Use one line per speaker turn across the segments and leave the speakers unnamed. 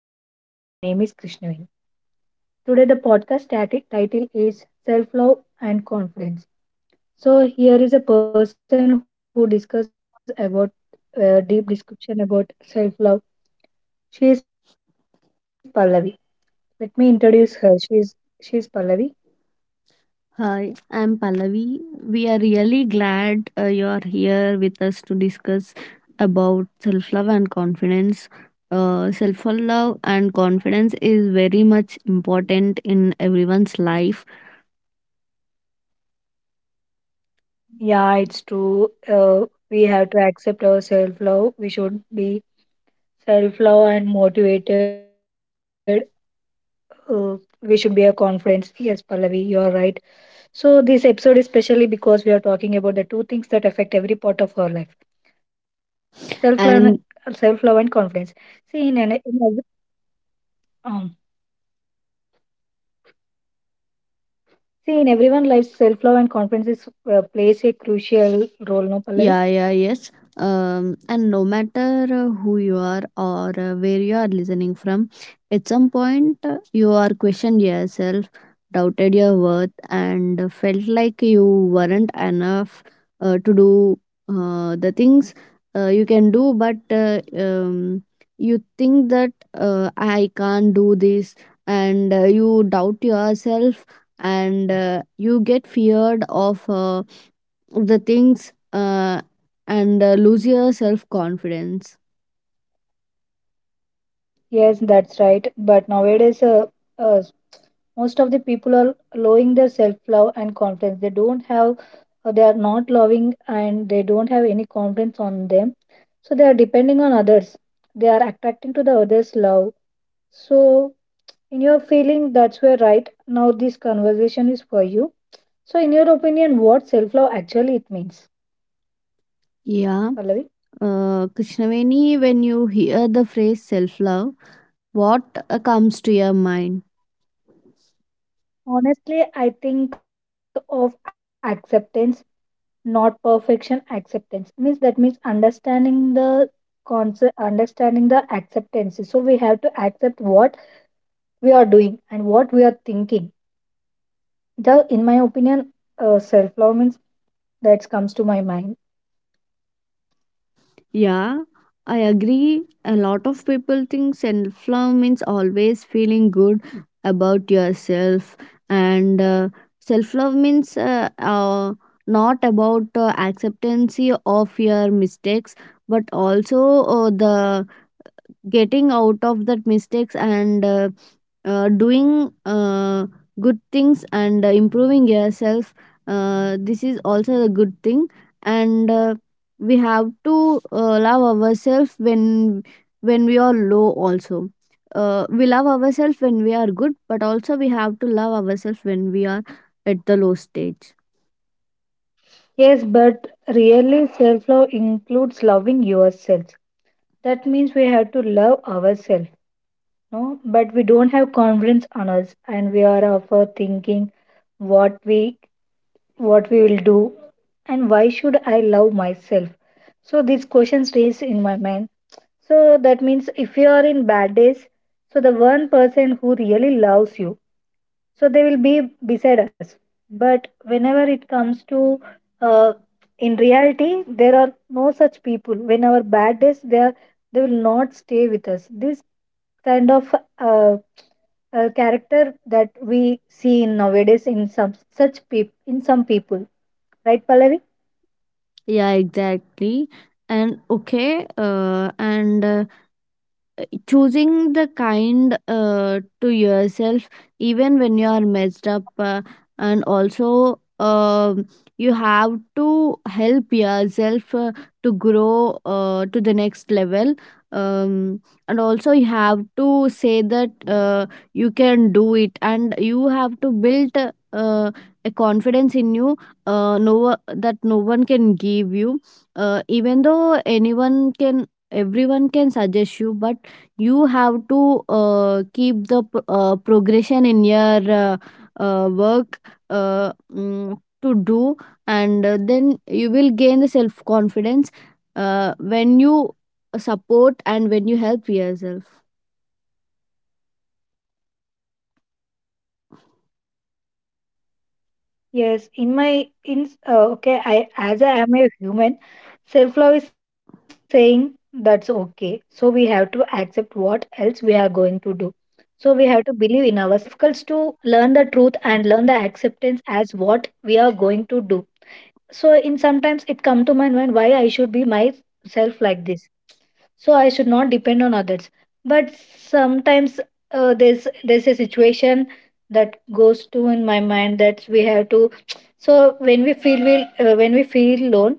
everyone, my name is Krishnavin. Today the podcast title is Self-Love and Confidence. So here is a person who discuss about deep description about self-love. She is Pallavi. Let me introduce her. She is Pallavi.
Hi, I'm Pallavi. We are really glad you are here with us to discuss about self love and confidence. Self love and confidence is very much important in everyone's life,
Yeah, it's true. We have to accept our self-love. We should be self-love and motivated. Uh, we should be a confidence. Yes, Pallavi, you are right. So, this episode is specially because we are talking about the two things that affect every part of our life, self love self love and confidence.
and
See, in, an, in, every- um, See, in everyone's life, self love and confidence plays a crucial role, no, Pallavi?
yeah, yeah, yes. And no matter who you are or where you are listening from, at some point you are questioned yourself, doubted your worth, and felt like you weren't enough to do the things you can do, but you think that I can't do this, and you doubt yourself, and you get feared of. The things, and lose your self confidence.
Yes, that's right. But nowadays, uh, most of the people are lowering their self love and confidence. They don't have, they are not loving and they don't have any confidence on them. So, they are depending on others. They are attracting to the others' love. So, in your feeling, that's where right now this conversation is for you. So, in your opinion, what self love actually it means,
Yeah,
Pallavi?
Krishnaveni, when you hear the phrase self love, what comes to your mind?
Honestly, I think of acceptance, not perfection. Acceptance means that means understanding the concept, understanding the acceptances. So we have to accept what we are doing and what we are thinking. In my opinion, self love means that comes to my mind.
Yeah, I agree. A lot of people think self love means always feeling good about yourself, and self love means, not about acceptance of your mistakes, but also the getting out of that mistakes and doing good things and improving yourself. This is also a good thing, and we have to love ourselves when we are low also. We love ourselves when we are good, but also we have to love ourselves when we are at the low stage.
Yes, but really, self love includes loving yourself. That means we have to love ourselves, no? But we don't have confidence on us, and we are of a thinking what we what we will do, and why should I love myself? So these questions raise in my mind. So that means if you are in bad days, so the one person who really loves you so they will be beside us. But whenever it comes to uh, in reality, there are no such people. When our bad days, they will not stay with us. This kind of character that we see in nowadays in some people, right, Pallavi?
Yeah, exactly. And okay, and choosing the kind to yourself even when you are messed up. And also, you have to help yourself to grow to the next level. um, and also you have to say that you can do it, and you have to build a confidence in you that no one can give you. Even though anyone can everyone can suggest you, but you have to keep the progression in your work to do. And then you will gain the self confidence when you support and when you help yourself.
Yes, in my in okay, I as I am a human, self love is saying that's okay. So we have to accept what else we are going to do. So we have to believe in ourselves, in my opinion. So it feels so difficult to learn the truth and learn the acceptance as what we are going to do. So in sometimes it come to my mind why I should be myself like this, so I should not depend on others. But sometimes, there's a situation that goes to in my mind that we have to so when we feel alone,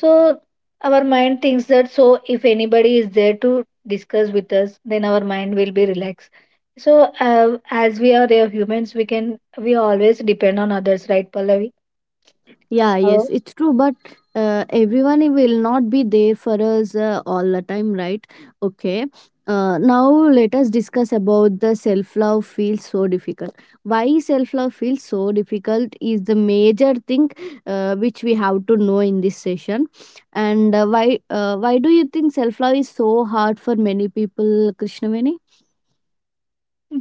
so our mind thinks that so if anybody is there to discuss with us, then our mind will be relaxed. So, as we are humans, we always depend on others, right, Pallavi?
Yeah, yes, it's true, but everyone will not be there for us all the time, right? Okay. Now let us discuss about the self love feels so difficult. Why self love feels so difficult is the major thing which we have to know in this session. And why do you think self love is so hard for many people, Krishnaveni?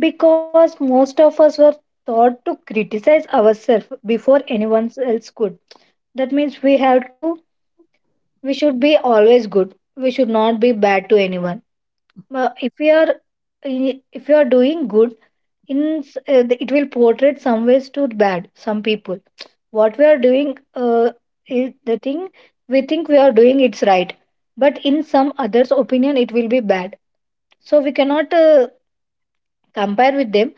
Because most of us were taught to criticize ourselves before anyone else could. That means we should be always good. We should not be bad to anyone. Uh, If we are, if you are doing good, it will portray some ways to bad some people. What we are doing, is the thing we think we are doing it's right, but in some others' opinion it will be bad. So we cannot compare with them.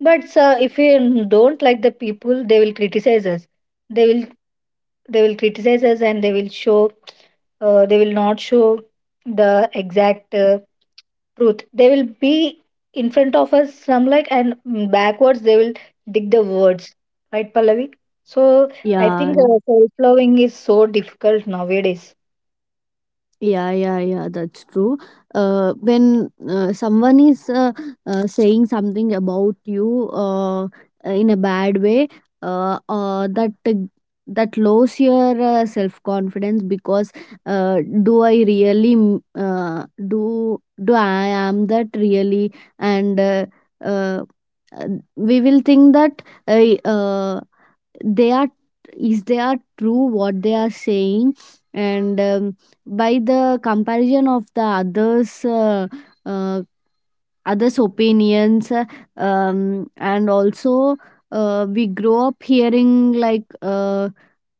But sir, if we don't like the people, they will criticize us. They will they will criticize us and they will not show the exact truth. They will be in front of us some like and backwards they will dig the words. Right, Pallavi? So I
Yeah.
think self loving is so difficult nowadays.
Yeah, yeah, yeah, that's true. When someone is, saying something about you in a bad way, uh, uh, that that lowers your self confidence, because do I really, do I am that really, and uh, uh, we will think that, they are they are true what they are saying, and by the comparison of the others, uh, others opinions. Uh, And also, we grow up hearing like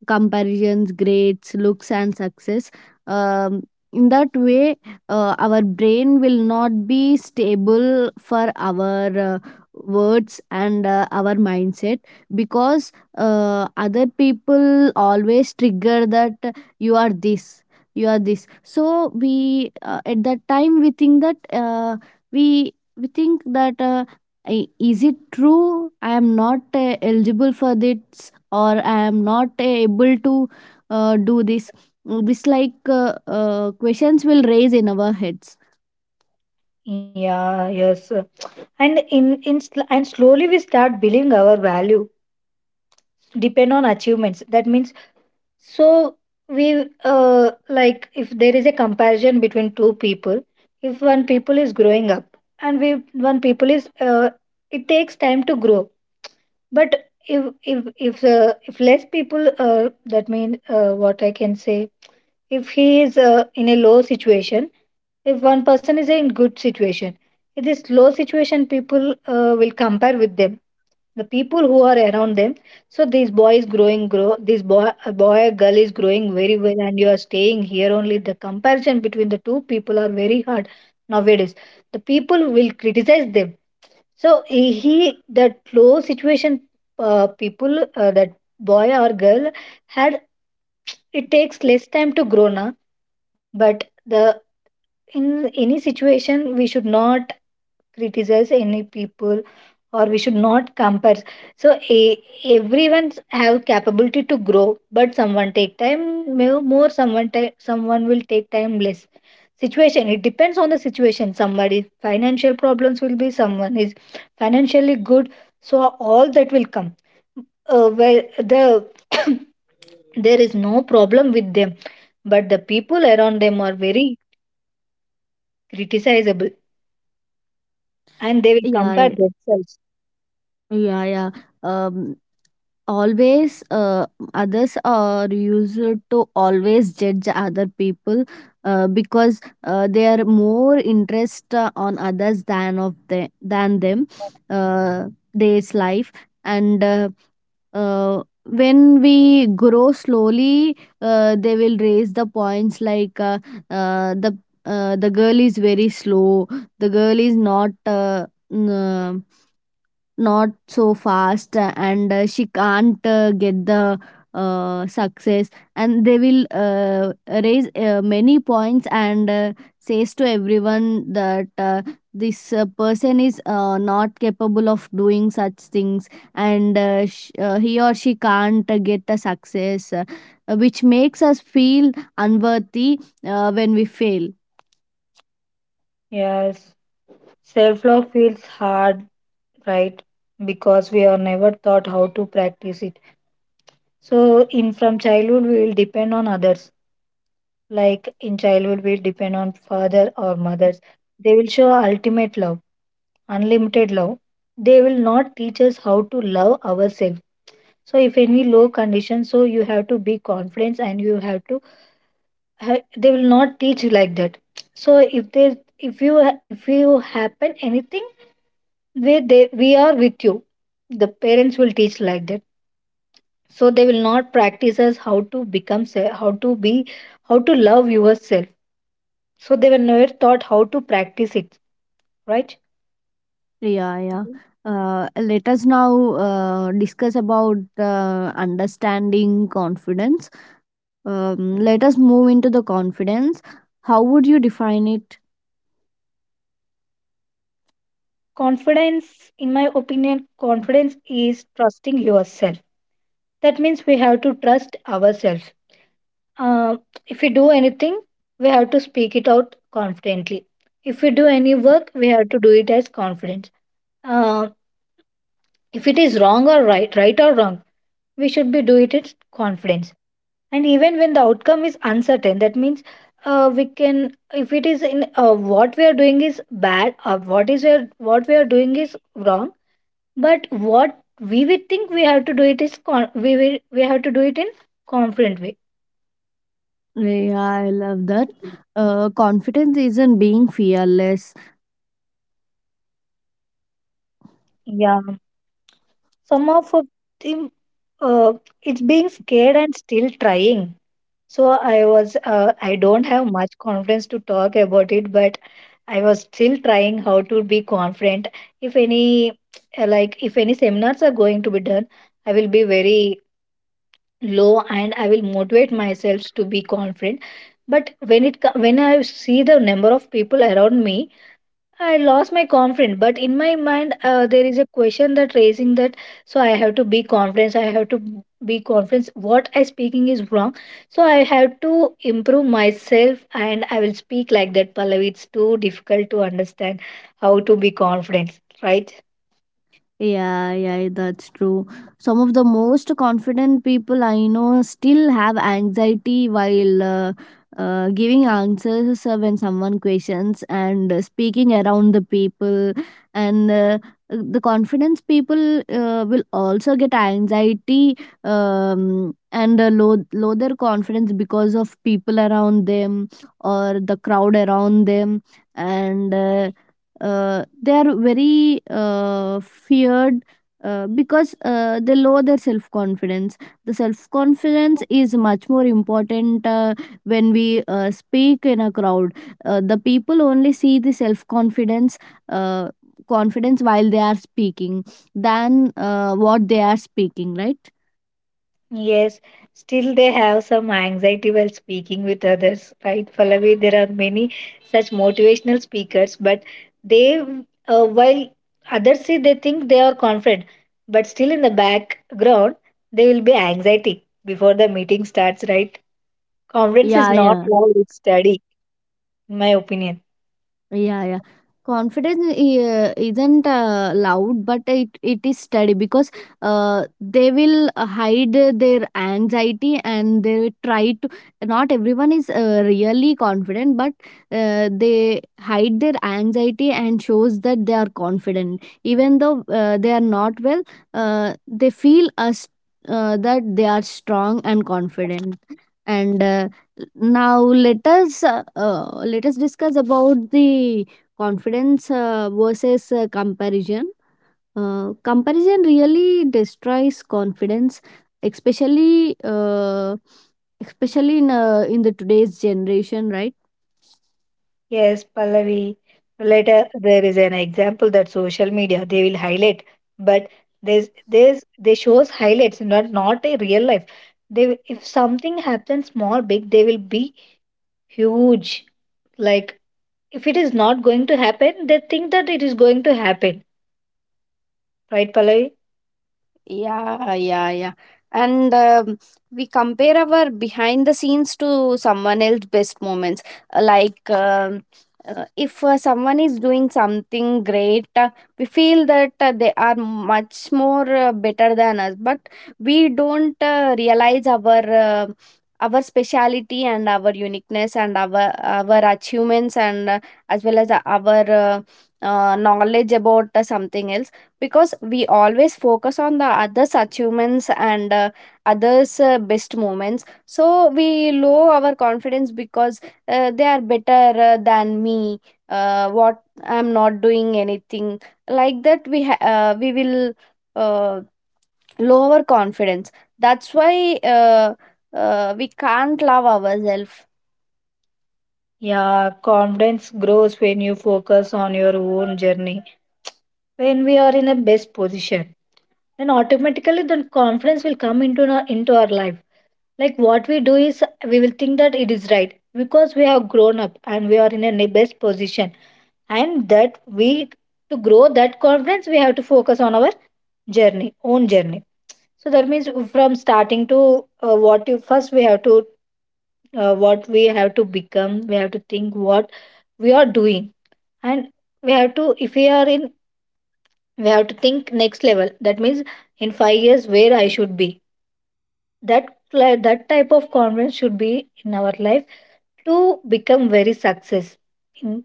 comparisons, grades, looks, and success. Um, in that way, our brain will not be stable for our words and our mindset, because other people always trigger that you are this, you are this. So we at that time we think that is it true? I am not eligible for this, or I am not able to do this. Questions will raise in our heads.
Yeah, yes, sir. And and slowly we start believing our value depend on achievements. That means, so we like if there is a comparison between two people, if one people is growing up and we one people is it takes time to grow. But if less people, that means, what I can say, if he is in a low situation, if one person is in good situation, in this low situation people will compare with them, the people who are around them. So this boy is growing grow this boy a boy a girl is growing very well and you are staying here only. The comparison between the two people are very hard nowadays. The people will criticize them. So that low situation, people, that boy or girl had, it takes less time to grow now. But the, in any situation we should not criticize any people or we should not compare. So, everyone have capability to grow but someone take time, more, someone will take time less. Situation, it depends on the situation. Somebody financial problems will be, someone is financially good. So all that will come. Where the there is no problem with them, but the people around them are very criticizable, and they will compare
Yeah,
themselves.
yeah, yeah. um, Always others are used to always judge other people, because they are more interest on others than of them, than them uh, day's life. And when we grow slowly, they will raise the points like, uh, the the girl is very slow, the girl is not, n- not so fast, and she can't get the success. And they will raise many points, and says to everyone that this person is not capable of doing such things, and he or she can't get a success, which makes us feel unworthy when we fail.
Yes. Self love feels hard, right? Because we are never taught how to practice it. So, in from childhood, we will depend on others. Like in childhood, we depend on father or mothers. They will show ultimate love, unlimited love. They will not teach us how to love ourselves. So, if any low condition, so you have to be confident and you have to. They will not teach like that. So, if they, if you happen anything, we they we are with you, the parents will teach like that. So they will not practice us how to how to be, how to love yourself. So they were never taught how to practice it, right?
Yeah, yeah.
Mhm.
Let us now discuss about understanding confidence. Let us move into the confidence. How would you define it?
Confidence, in my opinion, confidence is trusting yourself. That means we have to trust ourselves. uh, if we do anything, we have to speak it out confidently. If we do any work, we have to do it as confidence. Um if it is wrong or right, right or wrong, we should be do it with confidence. And even when the outcome is uncertain, that means, we can, if it is in, what we are doing is bad, or what we are doing is wrong, but what we would think we have to do it is we have to do it in confident way.
Yeah, I love that. Confidence isn't being fearless.
Yeah, some of think, uh, it's being scared and still trying. So I was, I don't have much confidence to talk about it, but I was still trying how to be confident. If any, like, if any seminars are going to be done, I will be very low and I will motivate myself to be confident. But when when I see the number of people around me, I lost my confidence, but in my mind, there is a question that raising that. So I have to be confident. I have to be confident. What I speaking is wrong. So I have to improve myself, and I will speak like that. Pallavi, it's too difficult to understand how to be confident, right?
Yeah, yeah, yeah, that's true. Some of the most confident people I know still have anxiety while giving answers when someone questions, and speaking around the people. And the confidence people will also get anxiety, and low their confidence because of people around them or the crowd around them. And they are very feared, because they lower their self confidence. The self confidence is much more important when we speak in a crowd. The people only see the self confidence, uh, confidence while they are speaking, than what they are speaking, right?
Yes, still they have some anxiety while speaking with others, right? Pallavi, there are many such motivational speakers, but they, while others see they think they are confident, but still in the background, they will be anxiety before the meeting starts, right? Confidence is
Yeah,
not
yeah.
loud, it's steady, in my opinion.
Yeah, yeah. Confidence isn't loud, but it is steady, because they will hide their anxiety and they will try to. Not everyone is really confident, but they hide their anxiety and shows that they are confident, even though they are not well. They feel us that they are strong and confident. And now let us discuss about the confidence versus comparison. Comparison really destroys confidence, especially uh, especially in in the today's generation, right?
Yes, Pallavi. Later, there is an example that social media they will highlight, but there's they shows highlights, not not a real life. They will- if something happens small, big, they will be huge. Like if it is not going to happen, they think that it is going to happen. Right, Pallavi?
Yeah, yeah, yeah. And we compare our behind the scenes to someone else's best moments. Like, if someone is doing something great, we feel that they are much more better than us, but we don't realize our speciality and our uniqueness and our achievements, and as well as our knowledge about something else, because we always focus on the others achievements and others best moments, so we low our confidence because they are better than me, what I'm not doing anything, like that we will uh, lower confidence. That's why uh, we can't love ourselves.
Yeah, confidence grows when you focus on your own journey. When we are in a best position, then automatically the confidence will come into our life, like what we do is we will think that it is right because we have grown up and we are in a best position. And that we, to grow that confidence, we have to focus on our journey, own journey. So that means from starting to, what you first we have to, what we have to become, we have to think what we are doing. And we have to, if we are in, we have to think next level. That means in 5 years where I should be, that that type of confidence should be in our life to become very success. Mm,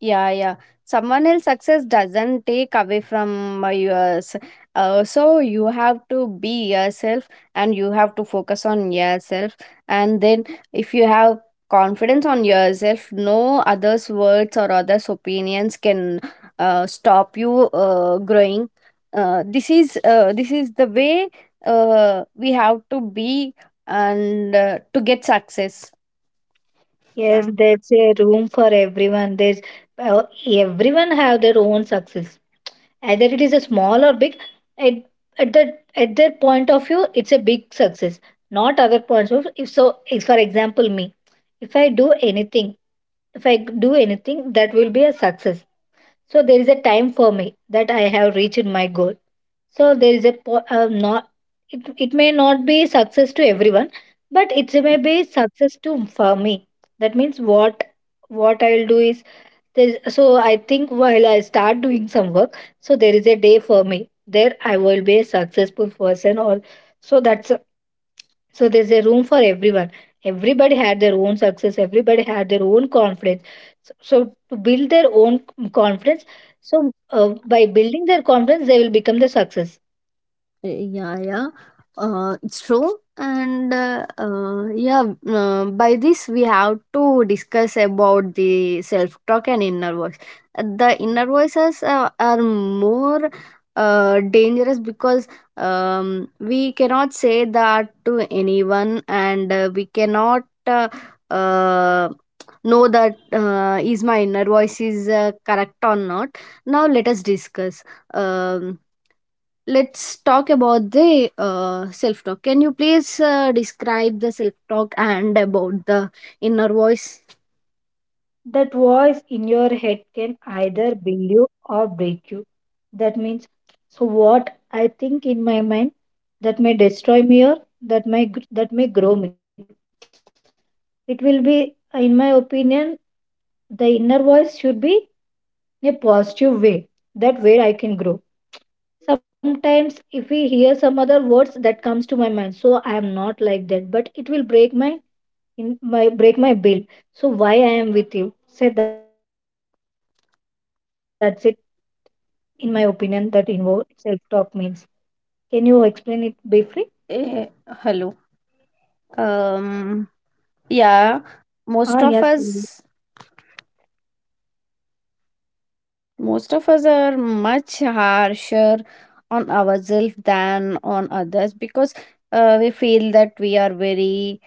Yeah, yeah. Someone else's success doesn't take away from yours. So you have to be yourself, and you have to focus on yourself. And then, if you have confidence on yourself, no others' words or others' opinions can stop you growing. This is the way we have to be, and to get success.
yes,
Mm.
there's a room for everyone. There's, uh, everyone have their own success, either it is a small or big. at, at the, at their point of view it's a big success, not other points of. If so, if for example me, if I do anything, if I do anything, that will be a success. So there is a time for me that I have reached my goal. So there is a not, it, it may not be success to everyone, but it may be success to for me. That means what I'll do is, there's, so I think while I start doing some work, so there is a day for me. There I will be a successful person or, so so there's a room for everyone. Everybody had their own success, everybody had their own confidence. So, so to build their own confidence, so by building their confidence, they will become the success.
Yeah, yeah. It's true, and by this we have to discuss about the self talk and inner voice. The inner voices are more dangerous, because we cannot say that to anyone, and we cannot uh, know that is my inner voice is correct or not. Now let us discuss. um let's talk about the self talk. Can you please describe the self talk and about the inner voice?
That voice in your head can either build you or break you. That means, so what I think in my mind, that may destroy me or that that may grow me. It will be, in my opinion, the inner voice should be in a positive way. That where I can grow. Sometimes, if we hear some other words that comes to my mind, so I am not like that, but it will break my, in my, break my build. So why I am with you? Say that's it, in my opinion, that involves self talk means. Can you explain it briefly?
Eh, Hello. Um,
Ah, yes, Tanvi.
yeah, most of us, most of us are much harsher on ourselves than on others, because we feel that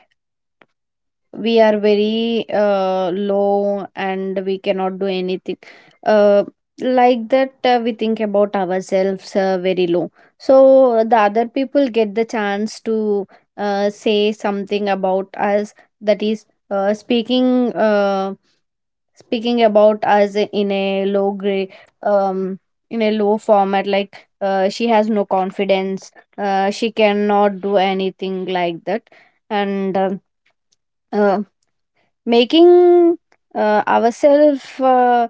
we are very low and we cannot do anything. uh, like that, we think about ourselves very low, so the other people get the chance to say something about us. That is, uh, speaking uh, speaking about us in a low grade, um in a low format, like she has no confidence, she cannot do anything, like that. And uh, making ourselves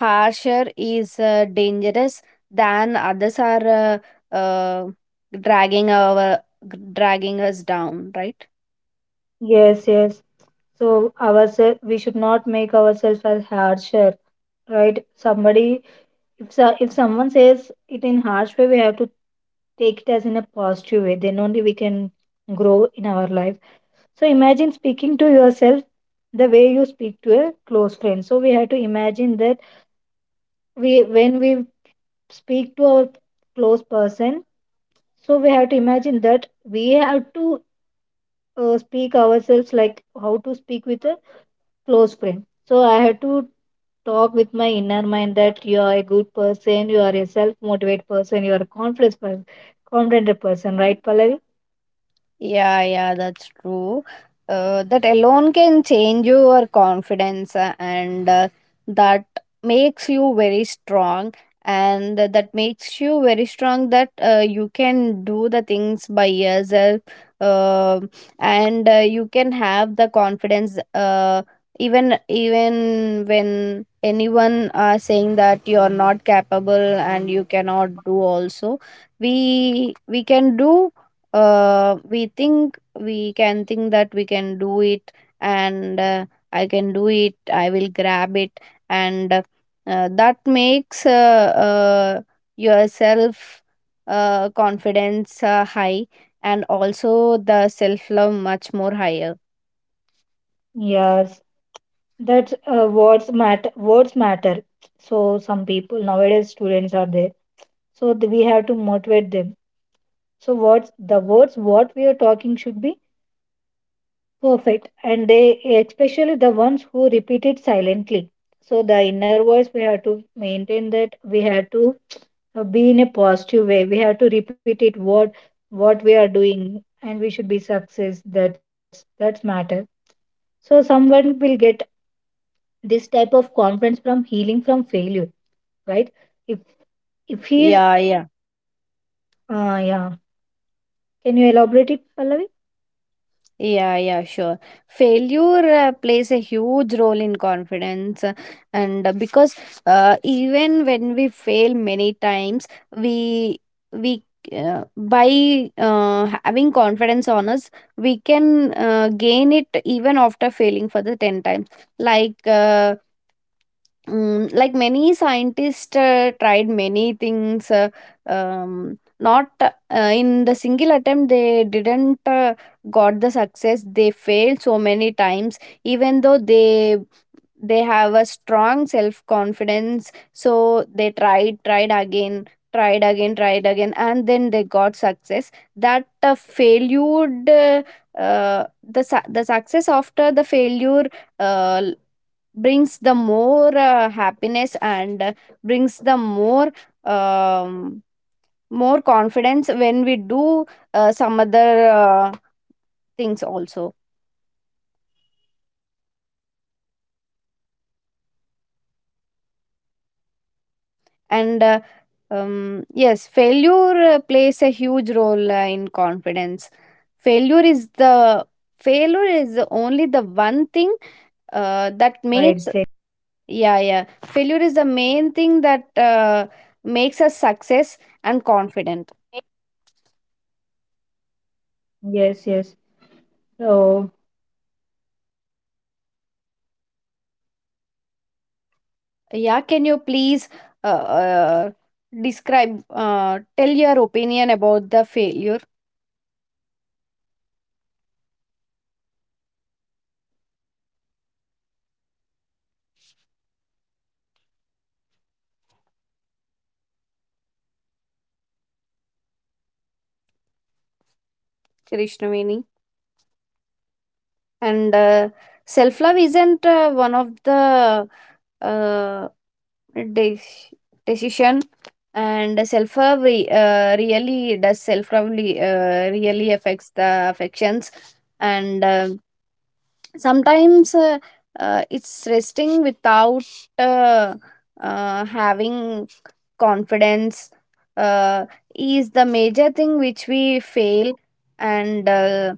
harsher is dangerous than others are uh, dragging our dragging us down, right?
Yes, yes. So ourselves, we should not make ourselves as harsher, right? Somebody, if so, if someone says it in harsh way, we have to take it as in a positive way. Then only we can grow in our life. So imagine speaking to yourself the way you speak to a close friend. So we have to imagine that we when we speak to our close person. So we have to imagine that we have to speak ourselves like how to speak with a close friend. So I had to talk with my inner mind that you are a good person, you are a self-motivated person, you are a confident person, right, Pallavi?
Yeah, yeah, that's true. That alone can change your confidence, and that makes you very strong, and that makes you very strong, that you can do the things by yourself, uh, and you can have the confidence even when anyone are saying that you are not capable and you cannot do. Also, we can do. We can think that we can do it. And I can do it, I will grab it. And that makes yourself confidence high, and also the self love much more higher.
Yes, that's, words matter. Words matter. So some people nowadays students are there. So we have to motivate them. So words, the words what we are talking should be perfect. And they, especially the ones who repeat it silently. So the inner voice, we have to maintain that. We have to be in a positive way. We have to repeat it what we are doing, and we should be success. That's matter. So someone will get this type of confidence from healing from failure, right? If if he is,
Yeah, yeah.
yeah. Can you elaborate it, Pallavi?
Yeah, yeah, sure. Failure plays a huge role in confidence, and because even when we fail many times, we we by having confidence on us, we can gain it even after failing for the 10 times. Like. Like many scientists tried many things not in the single attempt they didn't got the success. They failed so many times even though they have a strong self confidence, so they tried again and then they got success. That failure, uh, the success after the failure uh, brings the more happiness, and brings the more um, more confidence when we do some other things also.
Yes, there is an example that scientist Thomas Alva Edison he failed for 1,001 times.
And
But at last,
Yes,
he invented
failure
the
plays a huge role in confidence. Failure is the failure is the only the one thing that makes, yeah, yeah, failure is the main thing that makes us success and confident. Yeah, can you please uh, uh, describe, tell your opinion about the failure, Krishnaveni? And Self love isn't one of the uh, de- decision, and self love really does self love really, really affects the affections. And Sometimes it's resting without uh, having confidence uh, is the major thing which we fail. And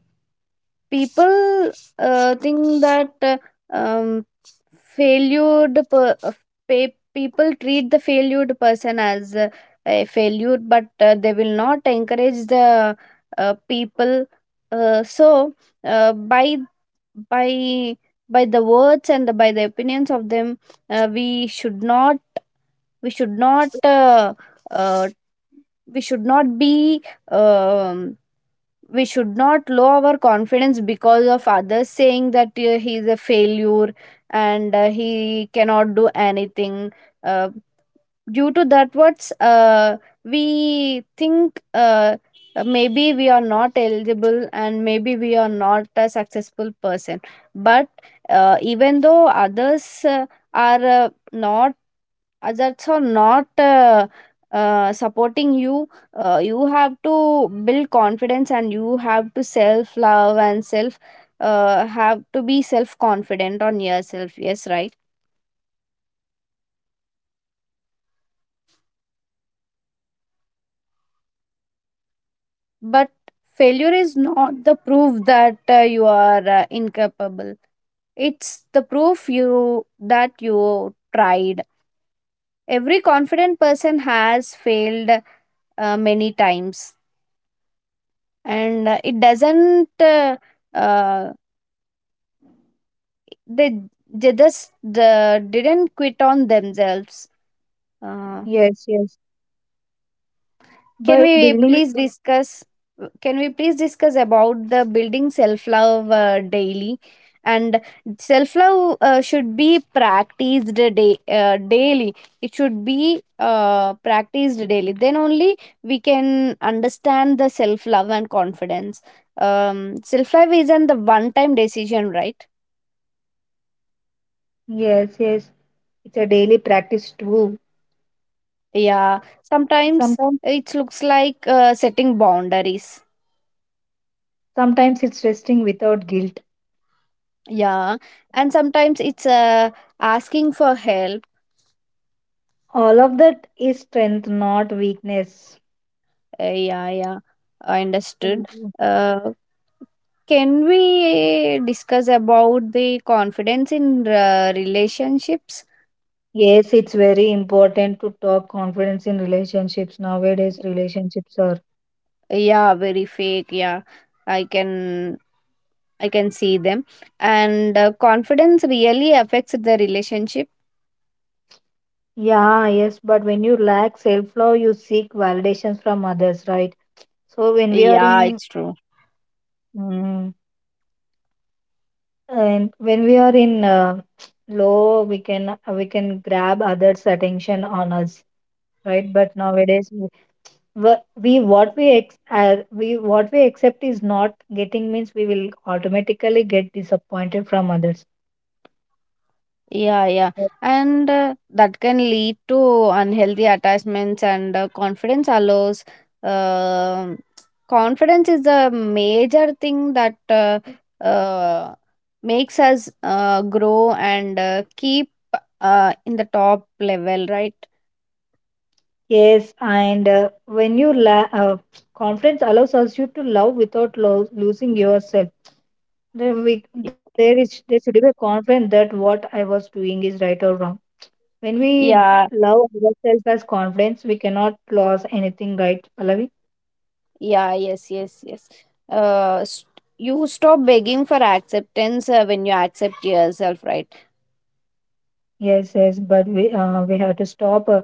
People think that um, failed per, uh, people treat the failed person as a failure, but they will not encourage the people. uh, so by by by the words and the, by the opinions of them, we should not, we should not uh, we should not be um, we should not lower our confidence because of others saying that he is a failure and he cannot do anything. uh, Due to that words, we think maybe we are not eligible and maybe we are not a successful person. But even though others are not others are so not supporting you, you have to build confidence and you have to self love and self have to be self confident on yourself, yes, right. But failure is not the proof that you are incapable, it's the proof you that you tried. Every confident person has failed many times, and it doesn't uh, they they just didn't quit on themselves. uh,
Yes, yes.
can
But
we
building,
please discuss, can we please discuss about the building self love daily? And self love should be practiced daily. It should be practiced daily, then only we can understand the self love and confidence. Self love isn't the one time decision, right?
yes, yes. It's a daily practice too.
Yeah,
Sometimes,
sometimes it looks like setting boundaries.
sometimes it's resting without guilt.
Yeah, and sometimes it's asking for help.
All of that is strength, not weakness.
Yeah, yeah, I understood.
Mhm.
Uh, can we discuss about the confidence in relationships?
Yes, it's very important to talk confidence in relationships. Nowadays, relationships are.
Yeah, very fake. Yeah, I can I can see them. And confidence really affects the relationship.
Yeah, yes, but when you lack self-love, you seek validations from others, right? So when we are
Yeah,
in
it's true.
mm and when we are in low, we can grab others' attention on us, right? But nowadays, we what we accept is not getting means we will automatically get disappointed from others.
Yeah, yeah. And that can lead to unhealthy attachments, and confidence allows. um Confidence is the major thing that uh, makes us grow and keep in the top level, right?
Yes, and when confidence allows us you to love without losing yourself. Then we there is there should be a confidence that what I was doing is right or wrong. When we
Yeah,
love ourselves as confidence, we cannot lose anything, right, Pallavi?
yeah, yes, yes, yes. S You stop begging for acceptance when you accept yourself, right?
Yes, yes, but we have to stop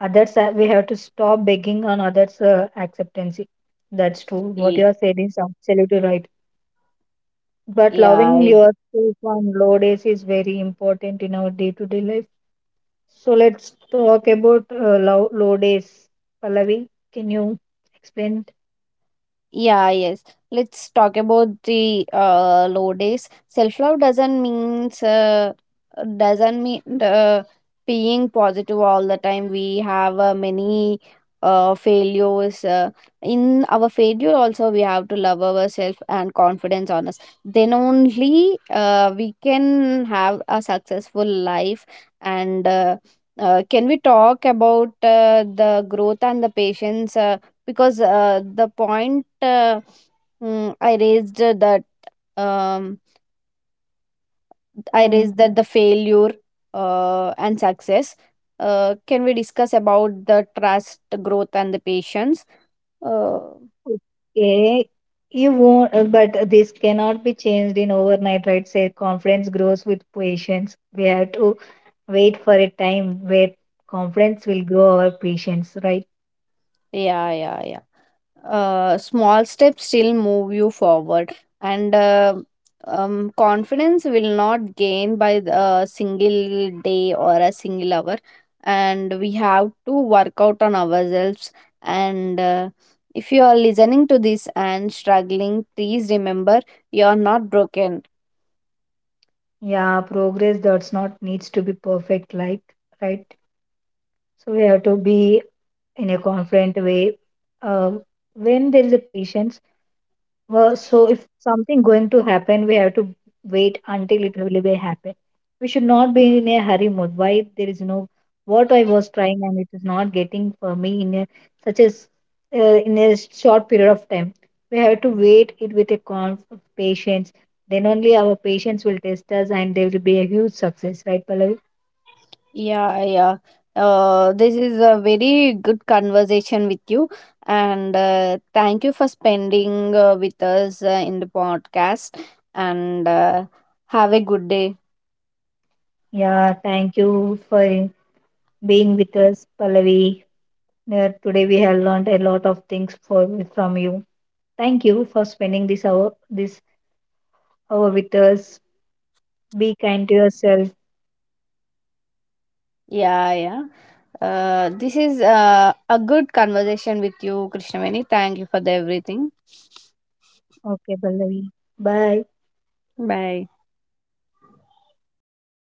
others. We have to stop begging on others' acceptance. That's true. What
Ye-
you are saying is absolutely right. But loving
Yeah.
yourself on low days is very important in our day-to-day life. So let's talk about low days. Pallavi, can you explain?
Yeah, yes. Let's talk about the low days. Self love doesn't means doesn't mean being positive all the time. We have many failures. In our failure, also we have to love ourselves and confidence on us. Then only we can have a successful life. And Can we talk about the growth and the patience? Because the point mm, I raised uh, that um, I
uh,
raised that the failure and success. Can we discuss about the trust, growth, and the patience? Uh,
Okay, you won't, but this cannot be changed in overnight, right? Say confidence grows with patience. We have to wait for a time where confidence will grow our patience, right?
yeah, yeah, yeah. Small steps still move you forward, and confidence will not gain by a single day or a single hour, and we have to work out on ourselves. And if you are listening to this and struggling, please remember you are not broken.
Yeah, progress does not needs to be perfect, like right. So we have to be in a confident way. Uh, when there is a patience, well, so if something going to happen, we have to wait until it really will be happen. We should not be in a hurry mode. Why there is no what I was trying and it is not getting for me in a such as in a short period of time. We have to wait it with a calm of patience. Then only our patience will test us, and there will be a huge success, right, Pallavi?
Yeah, yeah. This is a very good conversation with you, and thank you for spending with us in the podcast. And have a good day.
Yeah, thank you for being with us, Pallavi. Today we have learned a lot of things for from you. Thank you for spending this hour with us. Be kind to yourself.
Yeah, yeah. This is a good conversation with you, Krishnaveni. Thank you for the everything.
Okay, Pallavi. Bye.
Bye.